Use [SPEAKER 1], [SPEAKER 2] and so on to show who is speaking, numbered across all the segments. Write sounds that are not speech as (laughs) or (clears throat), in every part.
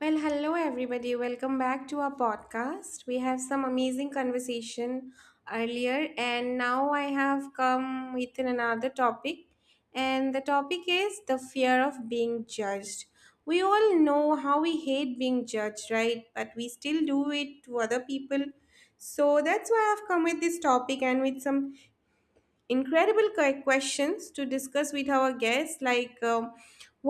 [SPEAKER 1] Well, hello everybody. Welcome back to our podcast. We have some amazing conversation earlier and now I have come with another topic and the topic is the fear of being judged. We all know how we hate being judged, right? But we still do it to other people. So that's why I've come with this topic and with some incredible questions to discuss with our guests, like,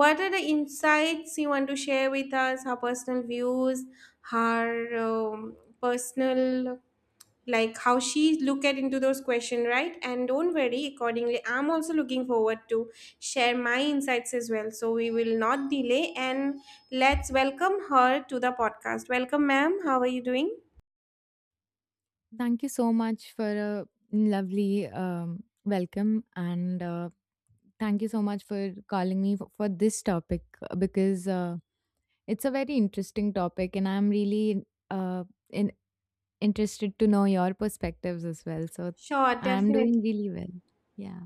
[SPEAKER 1] what are the insights you want to share with us? Her personal views, her um, personal, like how she look at into those questions, right? And don't worry, accordingly I'm also looking forward to share my insights as well. So we will not delay and let's welcome her to the podcast. Welcome, ma'am, how are you doing?
[SPEAKER 2] Thank you so much for a lovely welcome, and thank you so much for calling me for this topic because it's a very interesting topic, and I'm really in, interested to know your perspectives as well. So
[SPEAKER 1] Sure,
[SPEAKER 2] I'm
[SPEAKER 1] definitely.
[SPEAKER 2] doing really well. Yeah.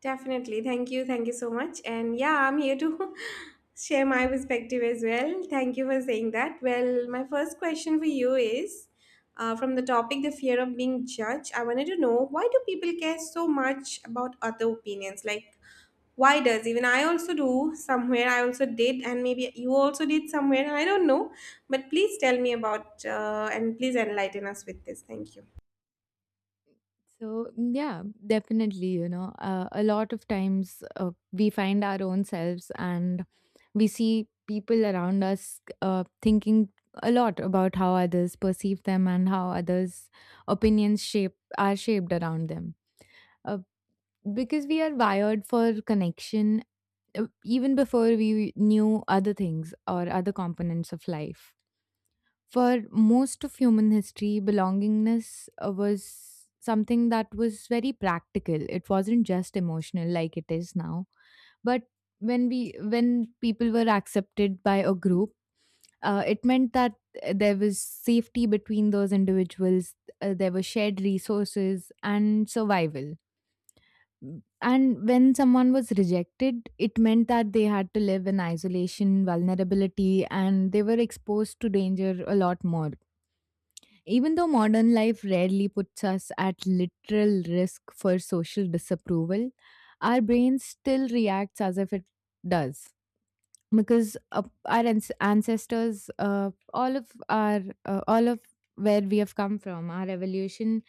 [SPEAKER 1] Definitely. Thank you. Thank you so much. And yeah, I'm here to (laughs) share my perspective as well. Thank you for saying that. Well, my first question for you is from the topic the fear of being judged. I wanted to know, why do people care so much about other opinions? Like, why does even I also do somewhere? I also did, and maybe you also did somewhere. I don't know. But please tell me about and please enlighten us with this. Thank you.
[SPEAKER 2] So, yeah, definitely, a lot of times we find our own selves, and we see people around us thinking a lot about how others perceive them and how others' opinions shape are shaped around them. Uh, because we are wired for connection, even before we knew other things or other components of life. For most of human history, belongingness was something that was very practical. It wasn't just emotional like it is now. But when people were accepted by a group, it meant that there was safety between those individuals. There were shared resources and survival. And when someone was rejected, it meant that they had to live in isolation, vulnerability, and they were exposed to danger a lot more. Even though modern life rarely puts us at literal risk for social disapproval, our brain still reacts as if it does, because ancestors, all of where we have come from, our evolution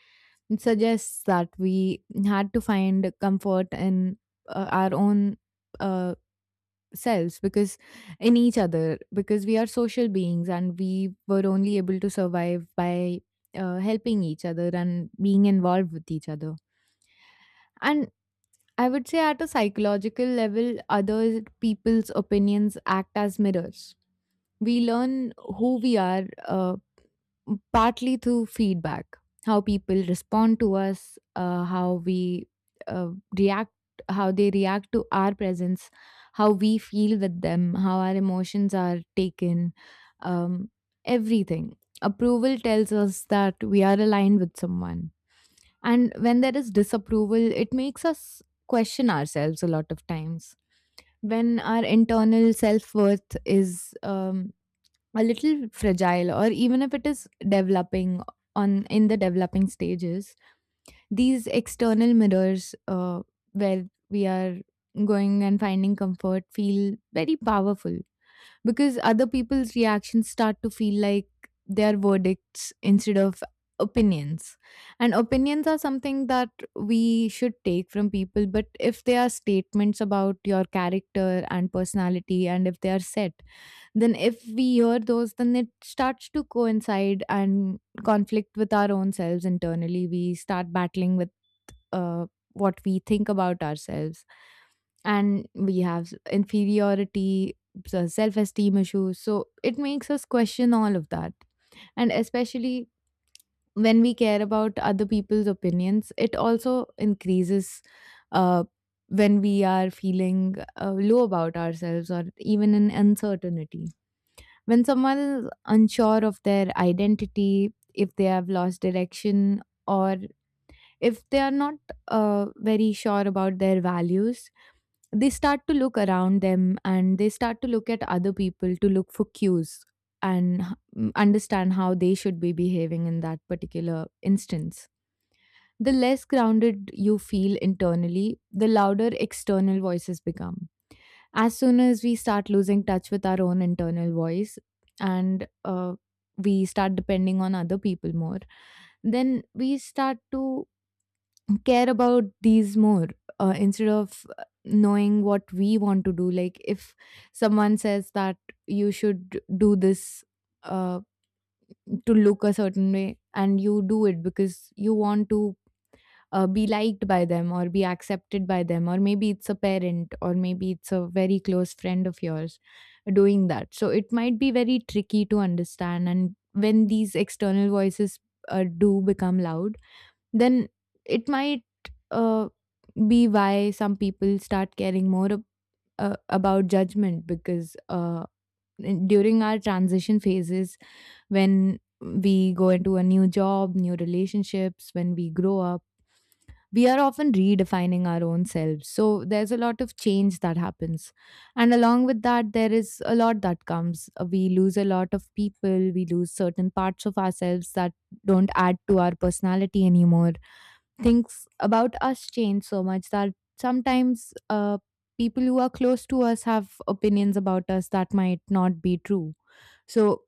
[SPEAKER 2] suggests that we had to find comfort in our own uh, selves because in each other, because we are social beings, and we were only able to survive by helping each other and being involved with each other. And I would say at a psychological level, other people's opinions act as mirrors. We learn who we are partly through feedback, how people respond to us, uh, react how they react to our presence, how we feel with them, how our emotions are taken, um, everything. Approval tells us that we are aligned with someone, and when there is disapproval, it makes us question ourselves. A lot of times, when our internal self-worth is a little fragile, or even if it is developing, on in the developing stages, these external mirrors, where we are going and finding comfort, feel very powerful, because other people's reactions start to feel like they are verdicts instead of opinions. And opinions are something that we should take from people, but if they are statements about your character and personality, and if they are set, then if we hear those, then it starts to coincide and conflict with our own selves. Internally, we start battling with uh, what we think about ourselves, and we have inferiority, so self-esteem issues, so it makes us question all of that. And especially when we care about other people's opinions, it also increases uh, when we are feeling low about ourselves, or even in uncertainty. When someone is unsure of their identity, if they have lost direction, or if they are not very sure about their values, they start to look around them, and they start to look at other people to look for cues and understand how they should be behaving in that particular instance. The less grounded you feel internally, the louder external voices become. As soon as we start losing touch with our own internal voice, and we start depending on other people more, then we start to care about these more, instead of knowing what we want to do. Like, if someone says that you should do this, uh, to look a certain way, and you do it because you want to be liked by them or be accepted by them, or maybe it's a parent, or maybe it's a very close friend of yours doing that, so it might be very tricky to understand. And when these external voices do become loud, then it might uh, be why some people start caring more about judgment, because during our transition phases, when we go into a new job, new relationships, when we grow up, we are often redefining our own selves. So there's a lot of change that happens. And along with that, there is a lot that comes. We lose a lot of people, we lose certain parts of ourselves that don't add to our personality anymore. Things about us change so much that sometimes people who are close to us have opinions about us that might not be true. So,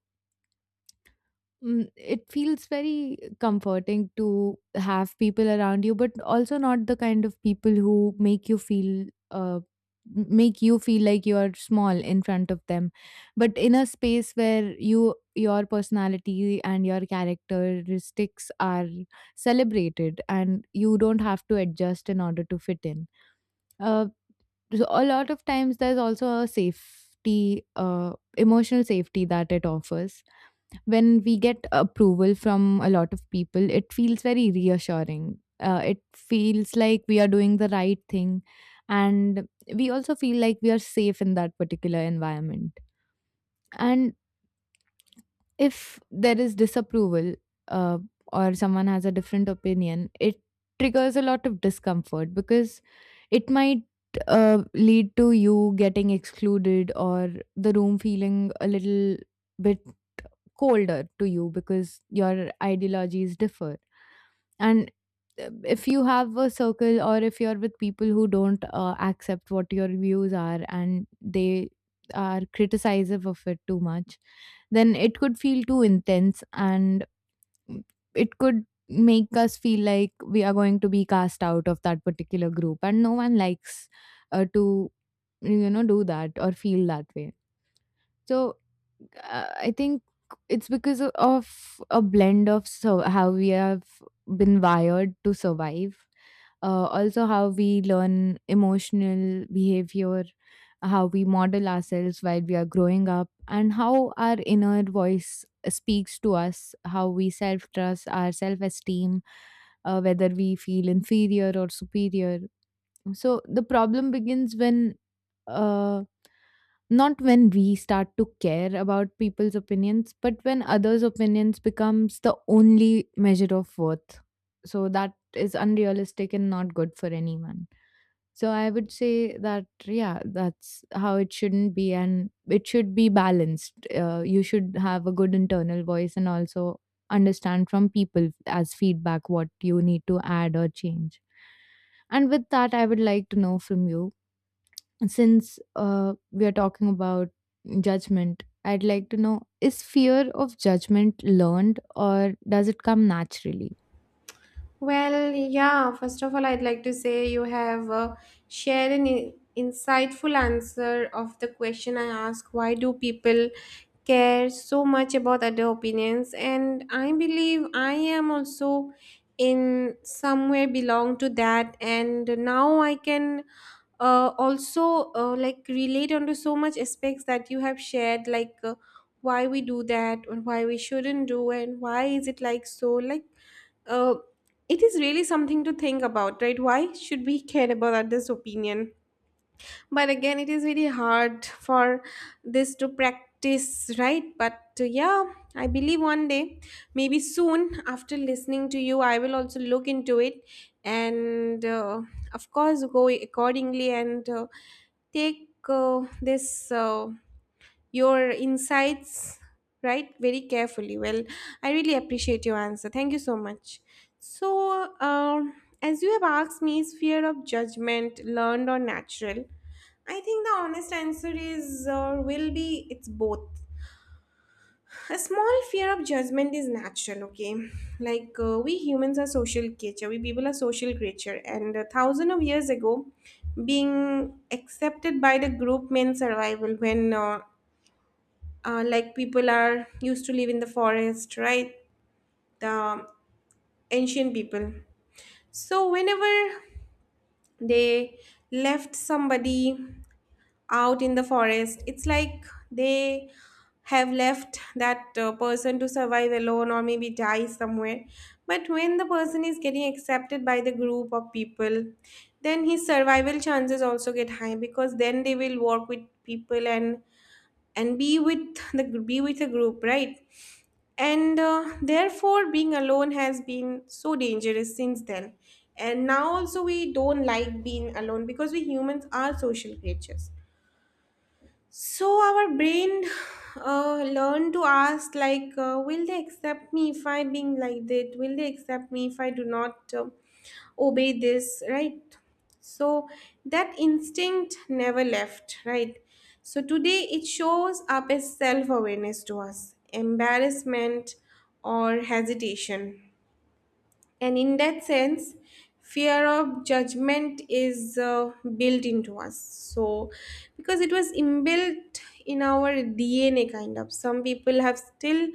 [SPEAKER 2] It feels very comforting to have people around you, but also not the kind of people who make you feel make you feel like you are small in front of them, but in a space where your personality and your characteristics are celebrated, and you don't have to adjust in order to fit in. Uh, so a lot of times, there's also a safety, emotional safety that it offers. When we get approval from a lot of people, it feels very reassuring. It feels like we are doing the right thing, and we also feel like we are safe in that particular environment. And if there is disapproval, uh, or someone has a different opinion, it triggers a lot of discomfort, because it might lead to you getting excluded, or the room feeling a little bit colder to you because your ideologies differ. And if you have a circle, or if you're with people who don't accept what your views are, and they are criticizive of it too much, then it could feel too intense, and it could make us feel like we are going to be cast out of that particular group, and no one likes to do that or feel that way. So I think it's because of a blend of how we have been wired to survive, also how we learn emotional behavior, how we model ourselves while we are growing up, and how our inner voice speaks to us, how we self trust, our self esteem, whether we feel inferior or superior. So the problem begins when uh not when we start to care about people's opinions, but when others' opinions becomes the only measure of worth. So that is unrealistic and not good for anyone. So I would say that, yeah, that's how it shouldn't be, and it should be balanced. You should have a good internal voice, and also understand from people as feedback what you need to add or change. And with that, I would like to know from you, since we are talking about judgment, I'd like to know, is fear of judgment learned, or does it come naturally?
[SPEAKER 1] Well, yeah, first of all, I'd like to say you have shared an insightful answer of the question I asked, why do people care so much about other opinions? And I believe I am also in somewhere belong to that, and now I can also like relate onto so much aspects that you have shared, like why we do that and why we shouldn't do and why is it like so, like, uh, it is really something to think about, right? Why should we care about others' opinion? But again, it is really hard for this to practice, right? But yeah, I believe one day, maybe soon after listening to you, I will also look into it and, of course, go accordingly and take this. Your insights, right, very carefully. Well, I really appreciate your answer. Thank you so much. So, as you have asked me, is fear of judgment learned or natural? I think the honest answer is, will be, it's both. A small fear of judgment is natural, okay? Like, we humans are social creature, we people are social creature, and a thousand of years ago being accepted by the group meant survival. When Like, people are used to live in the forest, right? The ancient people. So whenever they left somebody out in the forest, it's like they have left that person to survive alone or maybe die somewhere. But when the person is getting accepted by the group of people, then his survival chances also get high because then they will work with people and be with the be with a group, right? And therefore, being alone has been so dangerous since then. And now, also, we don't like being alone because we humans are social creatures. So our brain learn to ask, like, will they accept me if I being like that? Will they accept me if I do not obey this? Right. So that instinct never left. Right. So today it shows up as self awareness to us, embarrassment or hesitation. And in that sense, fear of judgment is built into us. So, because it was inbuilt in our DNA, kind of. Some people have still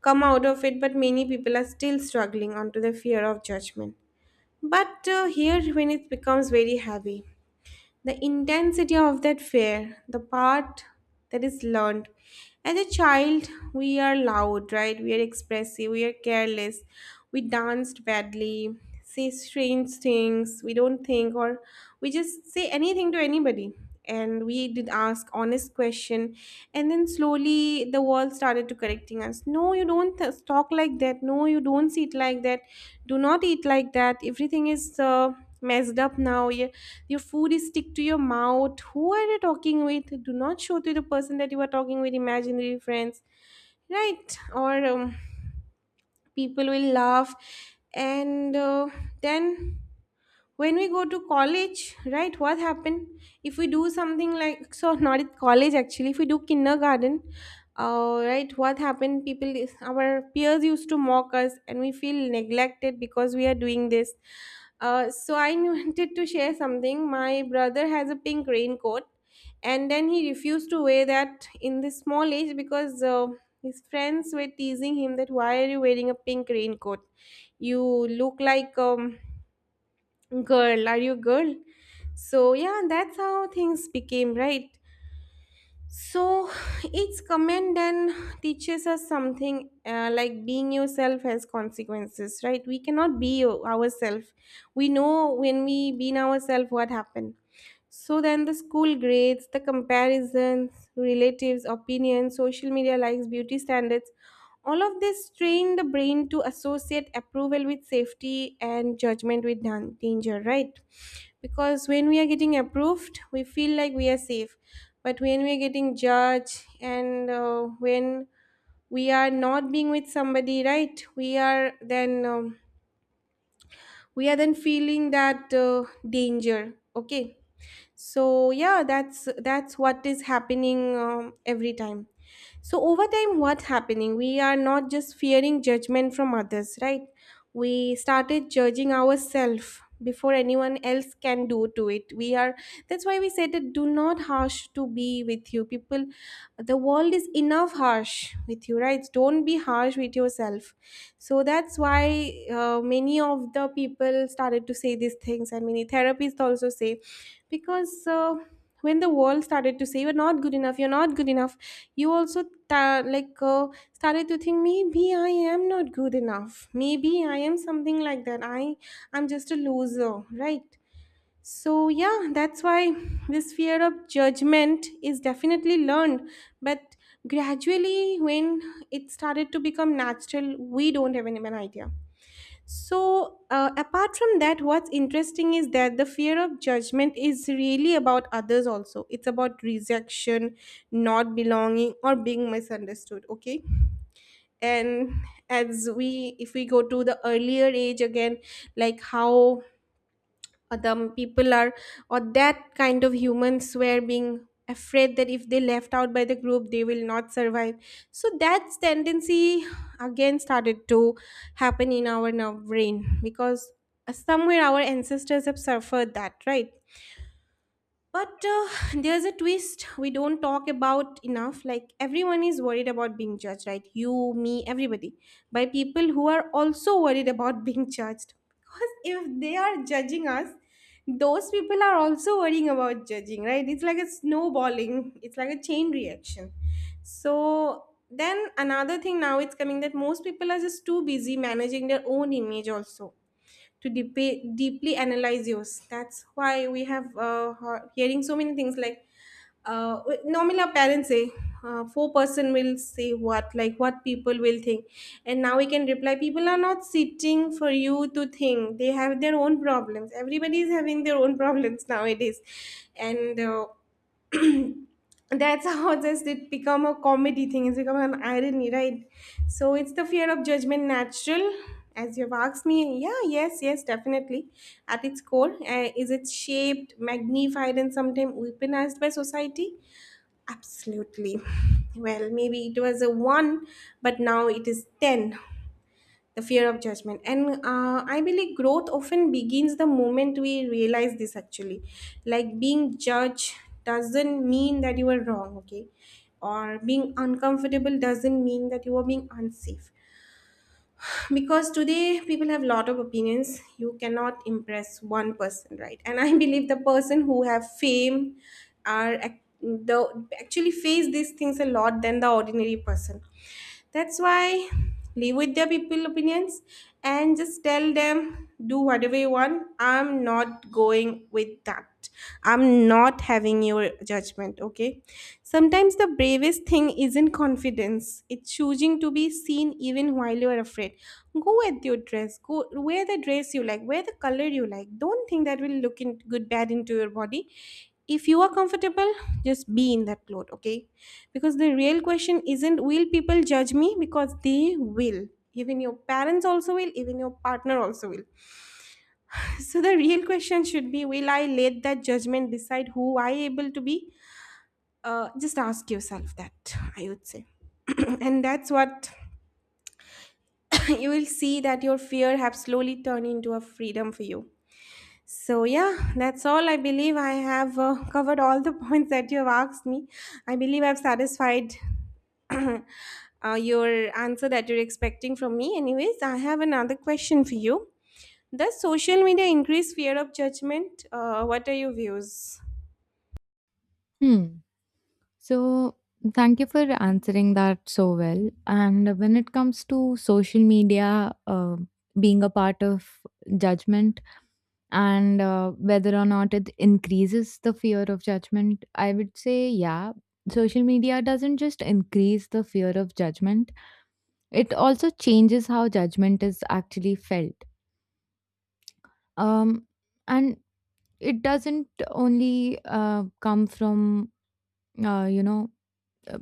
[SPEAKER 1] come out of it, but many people are still struggling onto the fear of judgment. But here, when it becomes very heavy, the intensity of that fear, the part that is learned. As a child, we are loud, right? We are expressive, we are careless, we danced badly, say strange things, we don't think, or we just say anything to anybody. And we did ask honest question, and then slowly the world started to correcting us. No, you don't talk like that. No, you don't sit like that. Do not eat like that. Everything is messed up now. Your food is stick to your mouth. Who are you talking with? Do not show to the person that you are talking with imaginary friends, right? Or people will laugh, and then when we go to college, right, what happened if we do something, like, so not at college, actually if we do kindergarten, right, what happened? People, our peers used to mock us and we feel neglected because we are doing this. So I (laughs) wanted to share something. My brother has a pink raincoat and then he refused to wear that in this small age because his friends were teasing him that, why are you wearing a pink raincoat? You look like, girl, are you a girl? So yeah, that's how things became, right? So (sighs) each comment then teaches us something, like being yourself has consequences, right? We cannot be ourselves. We know when we being ourselves what happened. So then the school grades, the comparisons, relatives, opinions, social media likes, beauty standards, all of this train the brain to associate approval with safety and judgment with danger, right? Because when we are getting approved we feel like we are safe, but when we are getting judged and when we are not being with somebody, right, we are then, we are then feeling that danger, okay? So yeah, that's what is happening, every time. So over time, what's happening? We are not just fearing judgment from others, right? We started judging ourselves before anyone else can do to it. We are, that's why we said that do not harsh to be with you. People, the world is enough harsh with you, right? Don't be harsh with yourself. So that's why many of the people started to say these things and many therapists also say, because when the world started to say you're not good enough, you're not good enough, you also ta like started to think, maybe I am not good enough, maybe I am something like that, I'm just a loser, right? So yeah, that's why this fear of judgment is definitely learned, but gradually when it started to become natural, we don't have any an idea. So, apart from that, what's interesting is that the fear of judgment is really about others also. It's about rejection, not belonging, or being misunderstood. Okay. And if we go to the earlier age again, like how the people are, or that kind of humans were being afraid that if they left out by the group they will not survive, so that's tendency again started to happen in our now brain because somewhere our ancestors have suffered that, right? But there's a twist we don't talk about enough. Like, everyone is worried about being judged, right? You, me, everybody, by people who are also worried about (laughs) being judged. Because if they are judging us, those people are also worrying about judging, right? It's like a snowballing, it's like a chain reaction. So then another thing now it's coming, that most people are just too busy managing their own image, also to deeply analyze yours. That's why we have hearing so many things, like normally our parents say, four-person will say what, like what people will think, and now we can reply, people are not sitting for you to think, they have their own problems, everybody is having their own (laughs) problems nowadays. And (clears throat) that's (laughs) how just it become a comedy thing, it's become an irony, right? So it's the fear of judgment natural? As you've asked me, yeah, yes, yes, definitely. At its core, is it shaped, magnified, and sometimes weaponized by society? Absolutely. Well, maybe it was a one, but now it is 10, the fear of judgment. And I believe growth often begins the moment we realize this. Actually, like, being judged doesn't mean that you are wrong, okay? Or being uncomfortable doesn't mean that you are being unsafe, because today people have a lot of opinions, you cannot impress one person, right? And I (laughs) believe the person who have fame are ac- the actually face these things a lot than the ordinary person. That's why live with their people opinions and just tell them, do whatever you want, I'm not going with that, I'm not having your judgment, okay? Sometimes the bravest thing isn't confidence, it's choosing to be seen even while you're afraid. Go with your dress, go wear the dress you like, wear the color you like, don't think that will look in good bad into your body. If you are comfortable, just be in that cloth, okay? Because the real question isn't, will people judge me? Because they will. Even your parents also will, even your partner also will. (laughs) So the real question should be, will I let that judgment decide who I able to be? Just ask yourself that, I would say. (clears throat) And that's what (laughs) (coughs) you will see that your fear have slowly turned into a freedom for you. So yeah, that's all. I believe I have covered all the (laughs) points that you have asked me. I believe I've satisfied (clears throat) your answer that you're expecting from me. Anyways, I have another question for you. Does social media increase fear of judgment? What are your views?
[SPEAKER 2] Hmm. So, thank you for answering that so well. And when it comes to social media being a part of judgment, and whether or not it increases the fear of judgment, I would say, yeah. Social media doesn't just increase the fear of judgment, it also changes how judgment is actually felt. Um, and it doesn't only come from, you know, uh,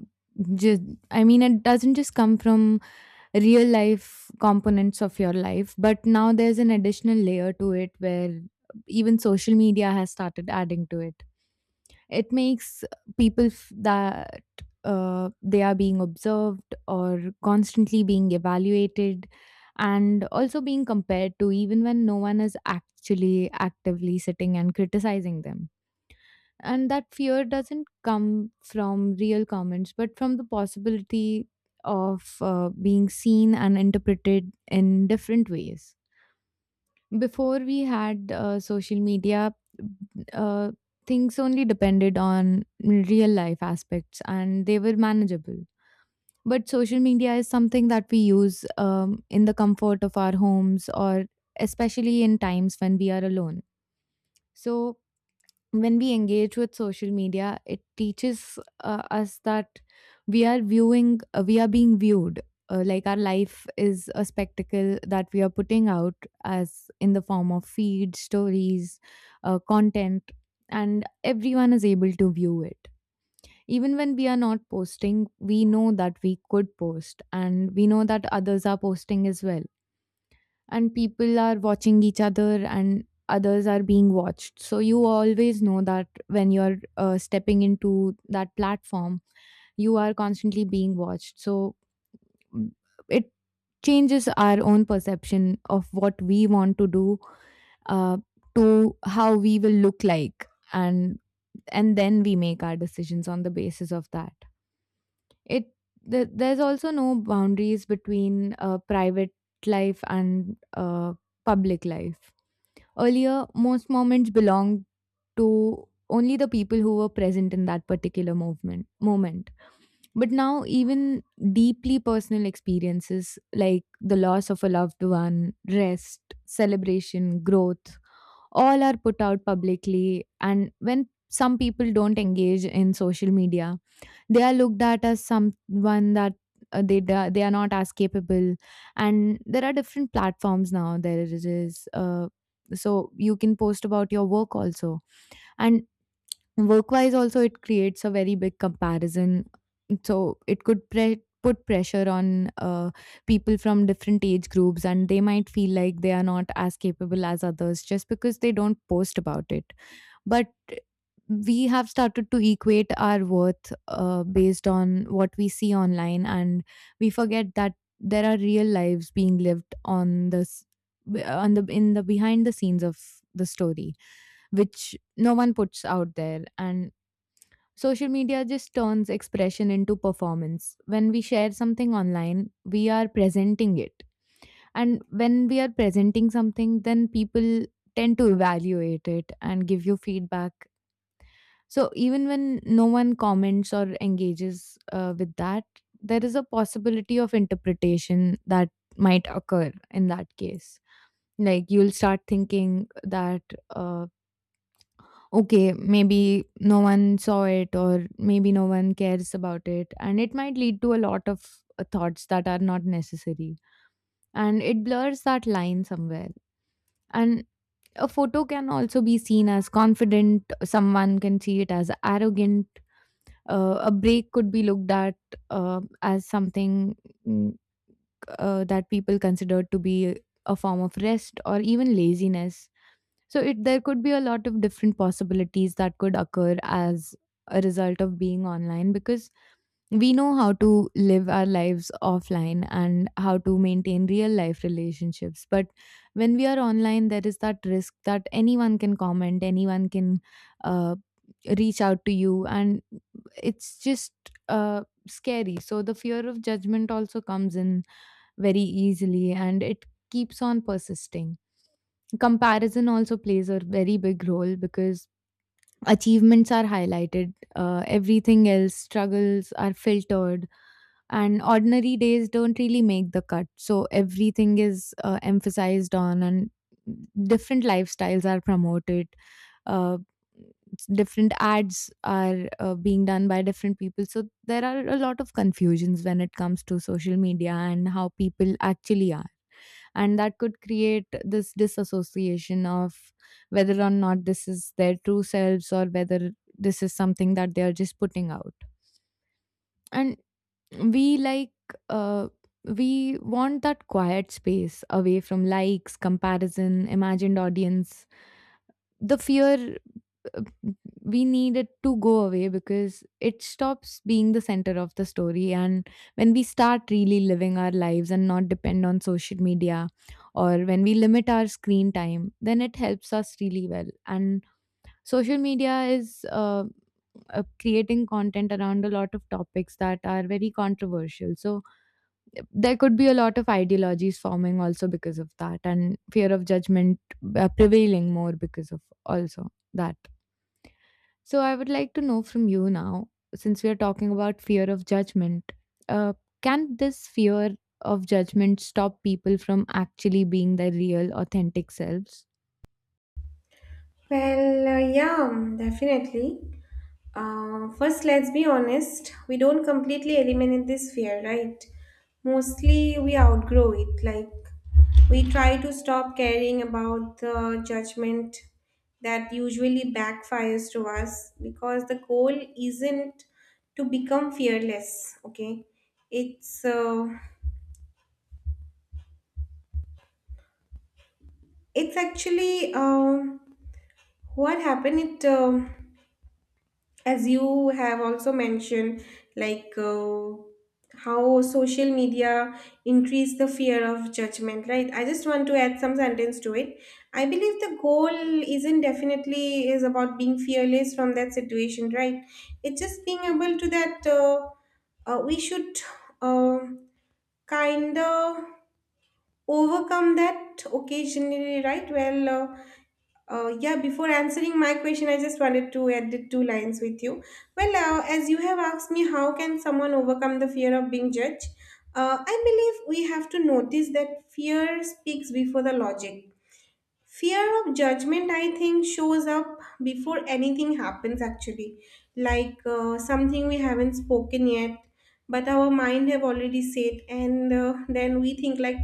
[SPEAKER 2] just I mean, it doesn't just come from real life components of your life, but now there's an additional layer to it, where even social media has started adding to it. It makes people that they are being observed, or constantly being evaluated, and also being compared to, even when no one is actually actively sitting and criticizing them. And that fear doesn't come from real comments, but from the possibility of being seen and interpreted in different ways. Before we had social media, uh, things only depended on real life aspects, and they were manageable. But social media is something that we use in the comfort of our homes, or especially in times when we are alone. So when we engage with social media, it teaches us that we are viewing we are being viewed, like our life is a spectacle that we are putting out as in the form of feed stories, content, and everyone is able to view it. Even when we are not posting, we know that we could post, and we know that others are posting as well, and people are watching each other, and others are being watched. So you always know that when you're stepping into that platform, you are constantly being watched. So, mm, it changes our own perception of what we want to do, uh, to how we will look like, and then we make our decisions on the basis of that. it there's also no boundaries between private life and public life. Earlier, most moments belonged to only the people who were present in that particular movement moment. But now, even deeply personal experiences like the loss of a loved one, rest, celebration, growth, all are put out publicly. And when some people don't engage in social media, they are looked at as someone that they are not as capable, and there are different platforms now. There is so you can post about your work also, and work wise also it creates a very big comparison. So it could put pressure on people from different age groups, and they might feel like they are not as capable as others just because they don't post about it, but we have started to equate our worth based on what we see online, and we forget that there are real lives being lived on this on the in the behind the scenes of the story, which no one puts out there. And social media just turns expression into performance. When we share something online, we are presenting it, and when we are presenting something, then people tend to evaluate it and give you feedback. So even when no one comments or engages with that, there is a possibility of interpretation that might occur in that case. Like, you'll start thinking that, uh, okay, maybe no one saw it, or maybe no one cares about it. And it might lead to a lot of thoughts that are not necessary. And it blurs that line somewhere. And a photo can also be seen as confident, someone can see it as arrogant. A break could be looked at, as something, mm, that people consider to be a form of rest or even laziness. So it there could be a lot of different possibilities that could occur as a result of being online, because we know how to live our lives offline and how to maintain real life relationships. But when we are online, there is that risk that anyone can comment, anyone can uh, reach out to you, and it's just uh, scary. So the fear of judgment also comes in very easily, and it keeps on persisting. Comparison also plays a very big role, because achievements are highlighted, everything else, struggles are filtered, and ordinary days don't really make the cut. So everything is emphasized on, and different lifestyles are promoted, uh, different ads are being done by different people. So there are a lot of confusions when it comes to social media and how people actually are, and that could create this disassociation of whether or not this is their true selves, or whether this is something that they are just putting out. And we like, uh, we want that quiet space away from likes, comparison, imagined audience, the fear. uh, we need it to go away, because it stops being the center of the story. And when we start really living our lives and not depend on social media, or when we limit our screen time, then it helps us really well. And social media is creating content around a lot of topics that are very controversial. So there could be a lot of ideologies forming also because of that, and fear of judgment prevailing more because of also that. So I would like to know from you now, since we are talking about fear of judgment, uh, can this fear of judgment stop people from actually being their real authentic selves?
[SPEAKER 1] Well, yeah, definitely. First, let's be honest, we don't completely eliminate this fear, right? Mostly we outgrow it. Like, we try to stop caring about the judgment that usually backfires to us, because the goal isn't to become fearless, okay? It's, uh, it's actually what happened. As you have also mentioned, like uh, how social media increase the fear of judgment, right? I just want to add some sentence to it. I believe the goal isn't definitely is about being fearless from that situation, right? It's just being able to that we should, uh, kind of overcome that occasionally, right? Well, yeah, before answering my question, I just wanted to add two lines with you. Well, as you have asked me, how can someone overcome the fear of being judged? I believe we have to notice that fear speaks before the logic. Fear of judgment, I think, shows up before anything happens actually. Like, something we haven't spoken yet, but our mind have already said, and then we think like,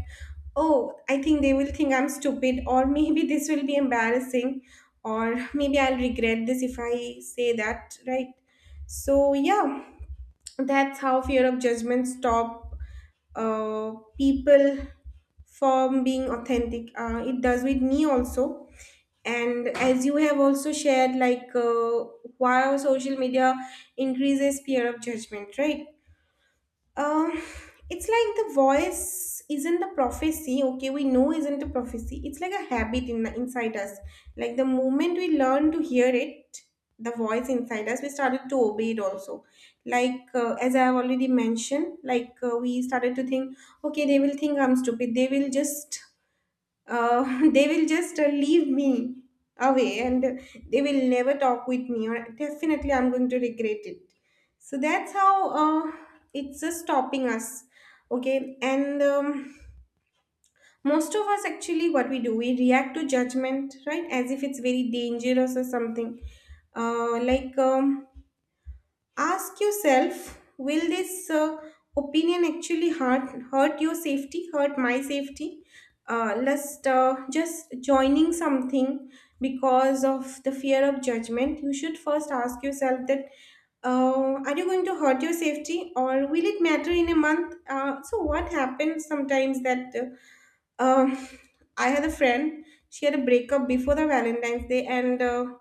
[SPEAKER 1] oh, I think they will think I'm stupid, or (laughs) maybe this will be embarrassing, or (laughs) maybe I'll regret this if I say that, right? So yeah, that's how fear of judgment stop uh, people from being authentic. It does with me also. And as you have also shared, like, why social media increases fear of judgment, right? Um, it's like the voice isn't a prophecy. Okay, we know isn't a prophecy. It's like a habit in inside us. Like the moment we learn to hear it, the voice inside us, we started to obey it also. Like, as I have already mentioned, like, we started to think, okay, they will think I'm stupid. They will just (laughs) They will just leave me away, and they will never talk with me, or definitely I'm going to regret it. So that's how, uh, it's just stopping us, okay? And most of us, actually, what we do, we react to judgment, right? As if it's very dangerous or something. Like, ask yourself, will this opinion actually hurt your safety, hurt my safety? Lest, just joining something because of the fear of judgment, you should first ask yourself that, are you going to hurt your safety, or will it matter in a month? So, what happens sometimes that, uh, um, I had a friend. She had a breakup before the Valentine's Day, and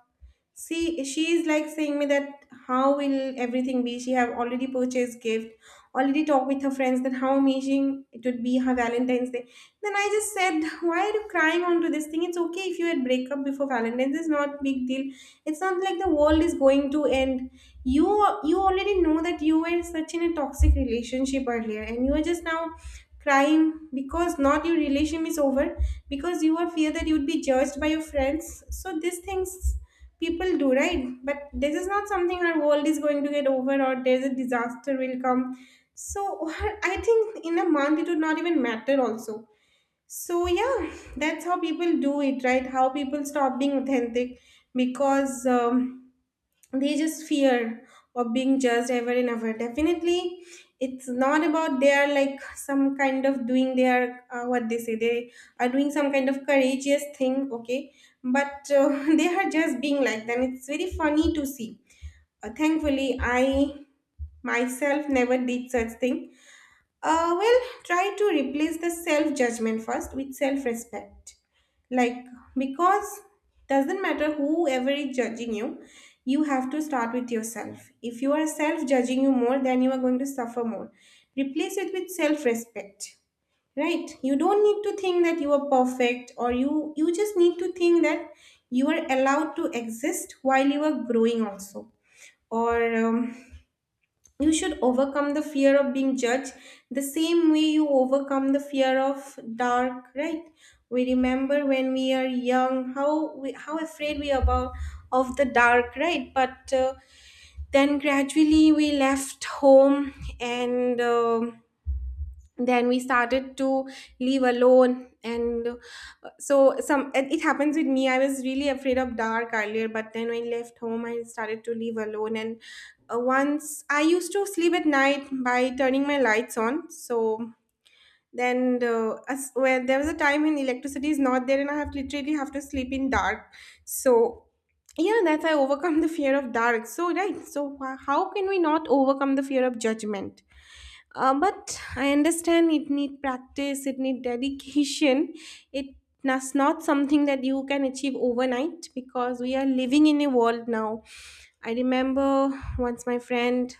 [SPEAKER 1] see, she is like saying me that how will everything be? She have already purchased gift, already talked with her friends that how amazing it would be her Valentine's Day. Then I just said, why are you crying onto this thing? It's okay if you had break up before Valentine's. It's not big deal. It's not like the world is going to end. You you already know that you were such in a toxic relationship earlier, and you are just now crying because not your relation is over, because you are fear that you would be judged by your friends. So these things people do, right? But this is not something our world is going to get over, or there's a disaster will come, so (laughs) I think in a month it would not even matter also. So yeah, that's how people do it, right? How people stop being authentic, because they just fear of being judged ever and ever, definitely. It's not about they are like some kind of doing their, what they say they are doing some kind of courageous thing, okay? But (laughs) they are just being like them. It's very funny to see. Thankfully, I myself never did such thing. Well, try to replace the self judgment first with self respect. Like, because doesn't matter whoever is judging you, you have to start with yourself. If you are self judging you more, then you are going to suffer more. Replace it with self respect. Right? You don't need to think that you are perfect, or you just need to think that you are allowed to exist while you are growing also. Or you should overcome the fear of being judged the same way you overcome the fear of dark, right? We remember when we are young, how afraid we are about of the dark, right? But then gradually we left home, and then we started to leave alone, and so some it happens with me. I was really afraid of dark earlier, but then when I left home I started to leave alone, and once I used to sleep at night by turning my lights on. So then, as, well, there was a time when electricity is not there and I have literally have to sleep in dark, so yeah, that's I overcome the fear of dark, so right. So how can we not overcome the fear of judgment? But I understand it need practice, it need dedication. It That's not something that you can achieve overnight, because we are living in a world now. I remember once my friend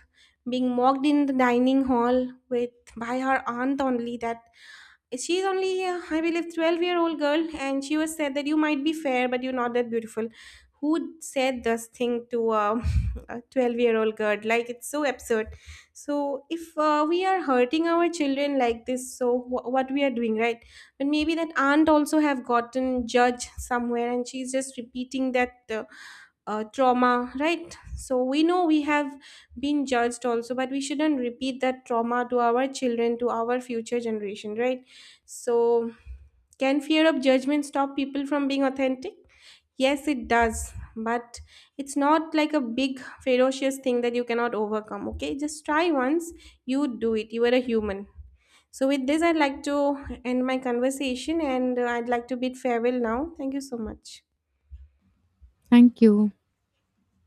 [SPEAKER 1] being mocked in the dining hall with by her aunt only, that she's only I believe 12-year-old girl, and she was said that you might be fair but you're not that beautiful. Who said this thing to, (laughs) a 12-year-old girl? Like, it's so absurd. So if we are hurting our children like this, so what we are doing, right? But maybe that aunt also have gotten judged somewhere, and she's just repeating that, trauma, right? So we know we have been judged also, but we shouldn't repeat that trauma to our children, to our future generation, right? So, can fear of judgment stop people from being authentic? Yes, it does. But it's not like a big, ferocious thing that you cannot overcome. Okay, just try once. You do it. You are a human. So, with this, I'd like to end my conversation, and I'd like to bid farewell now. Thank you so much.
[SPEAKER 2] Thank you.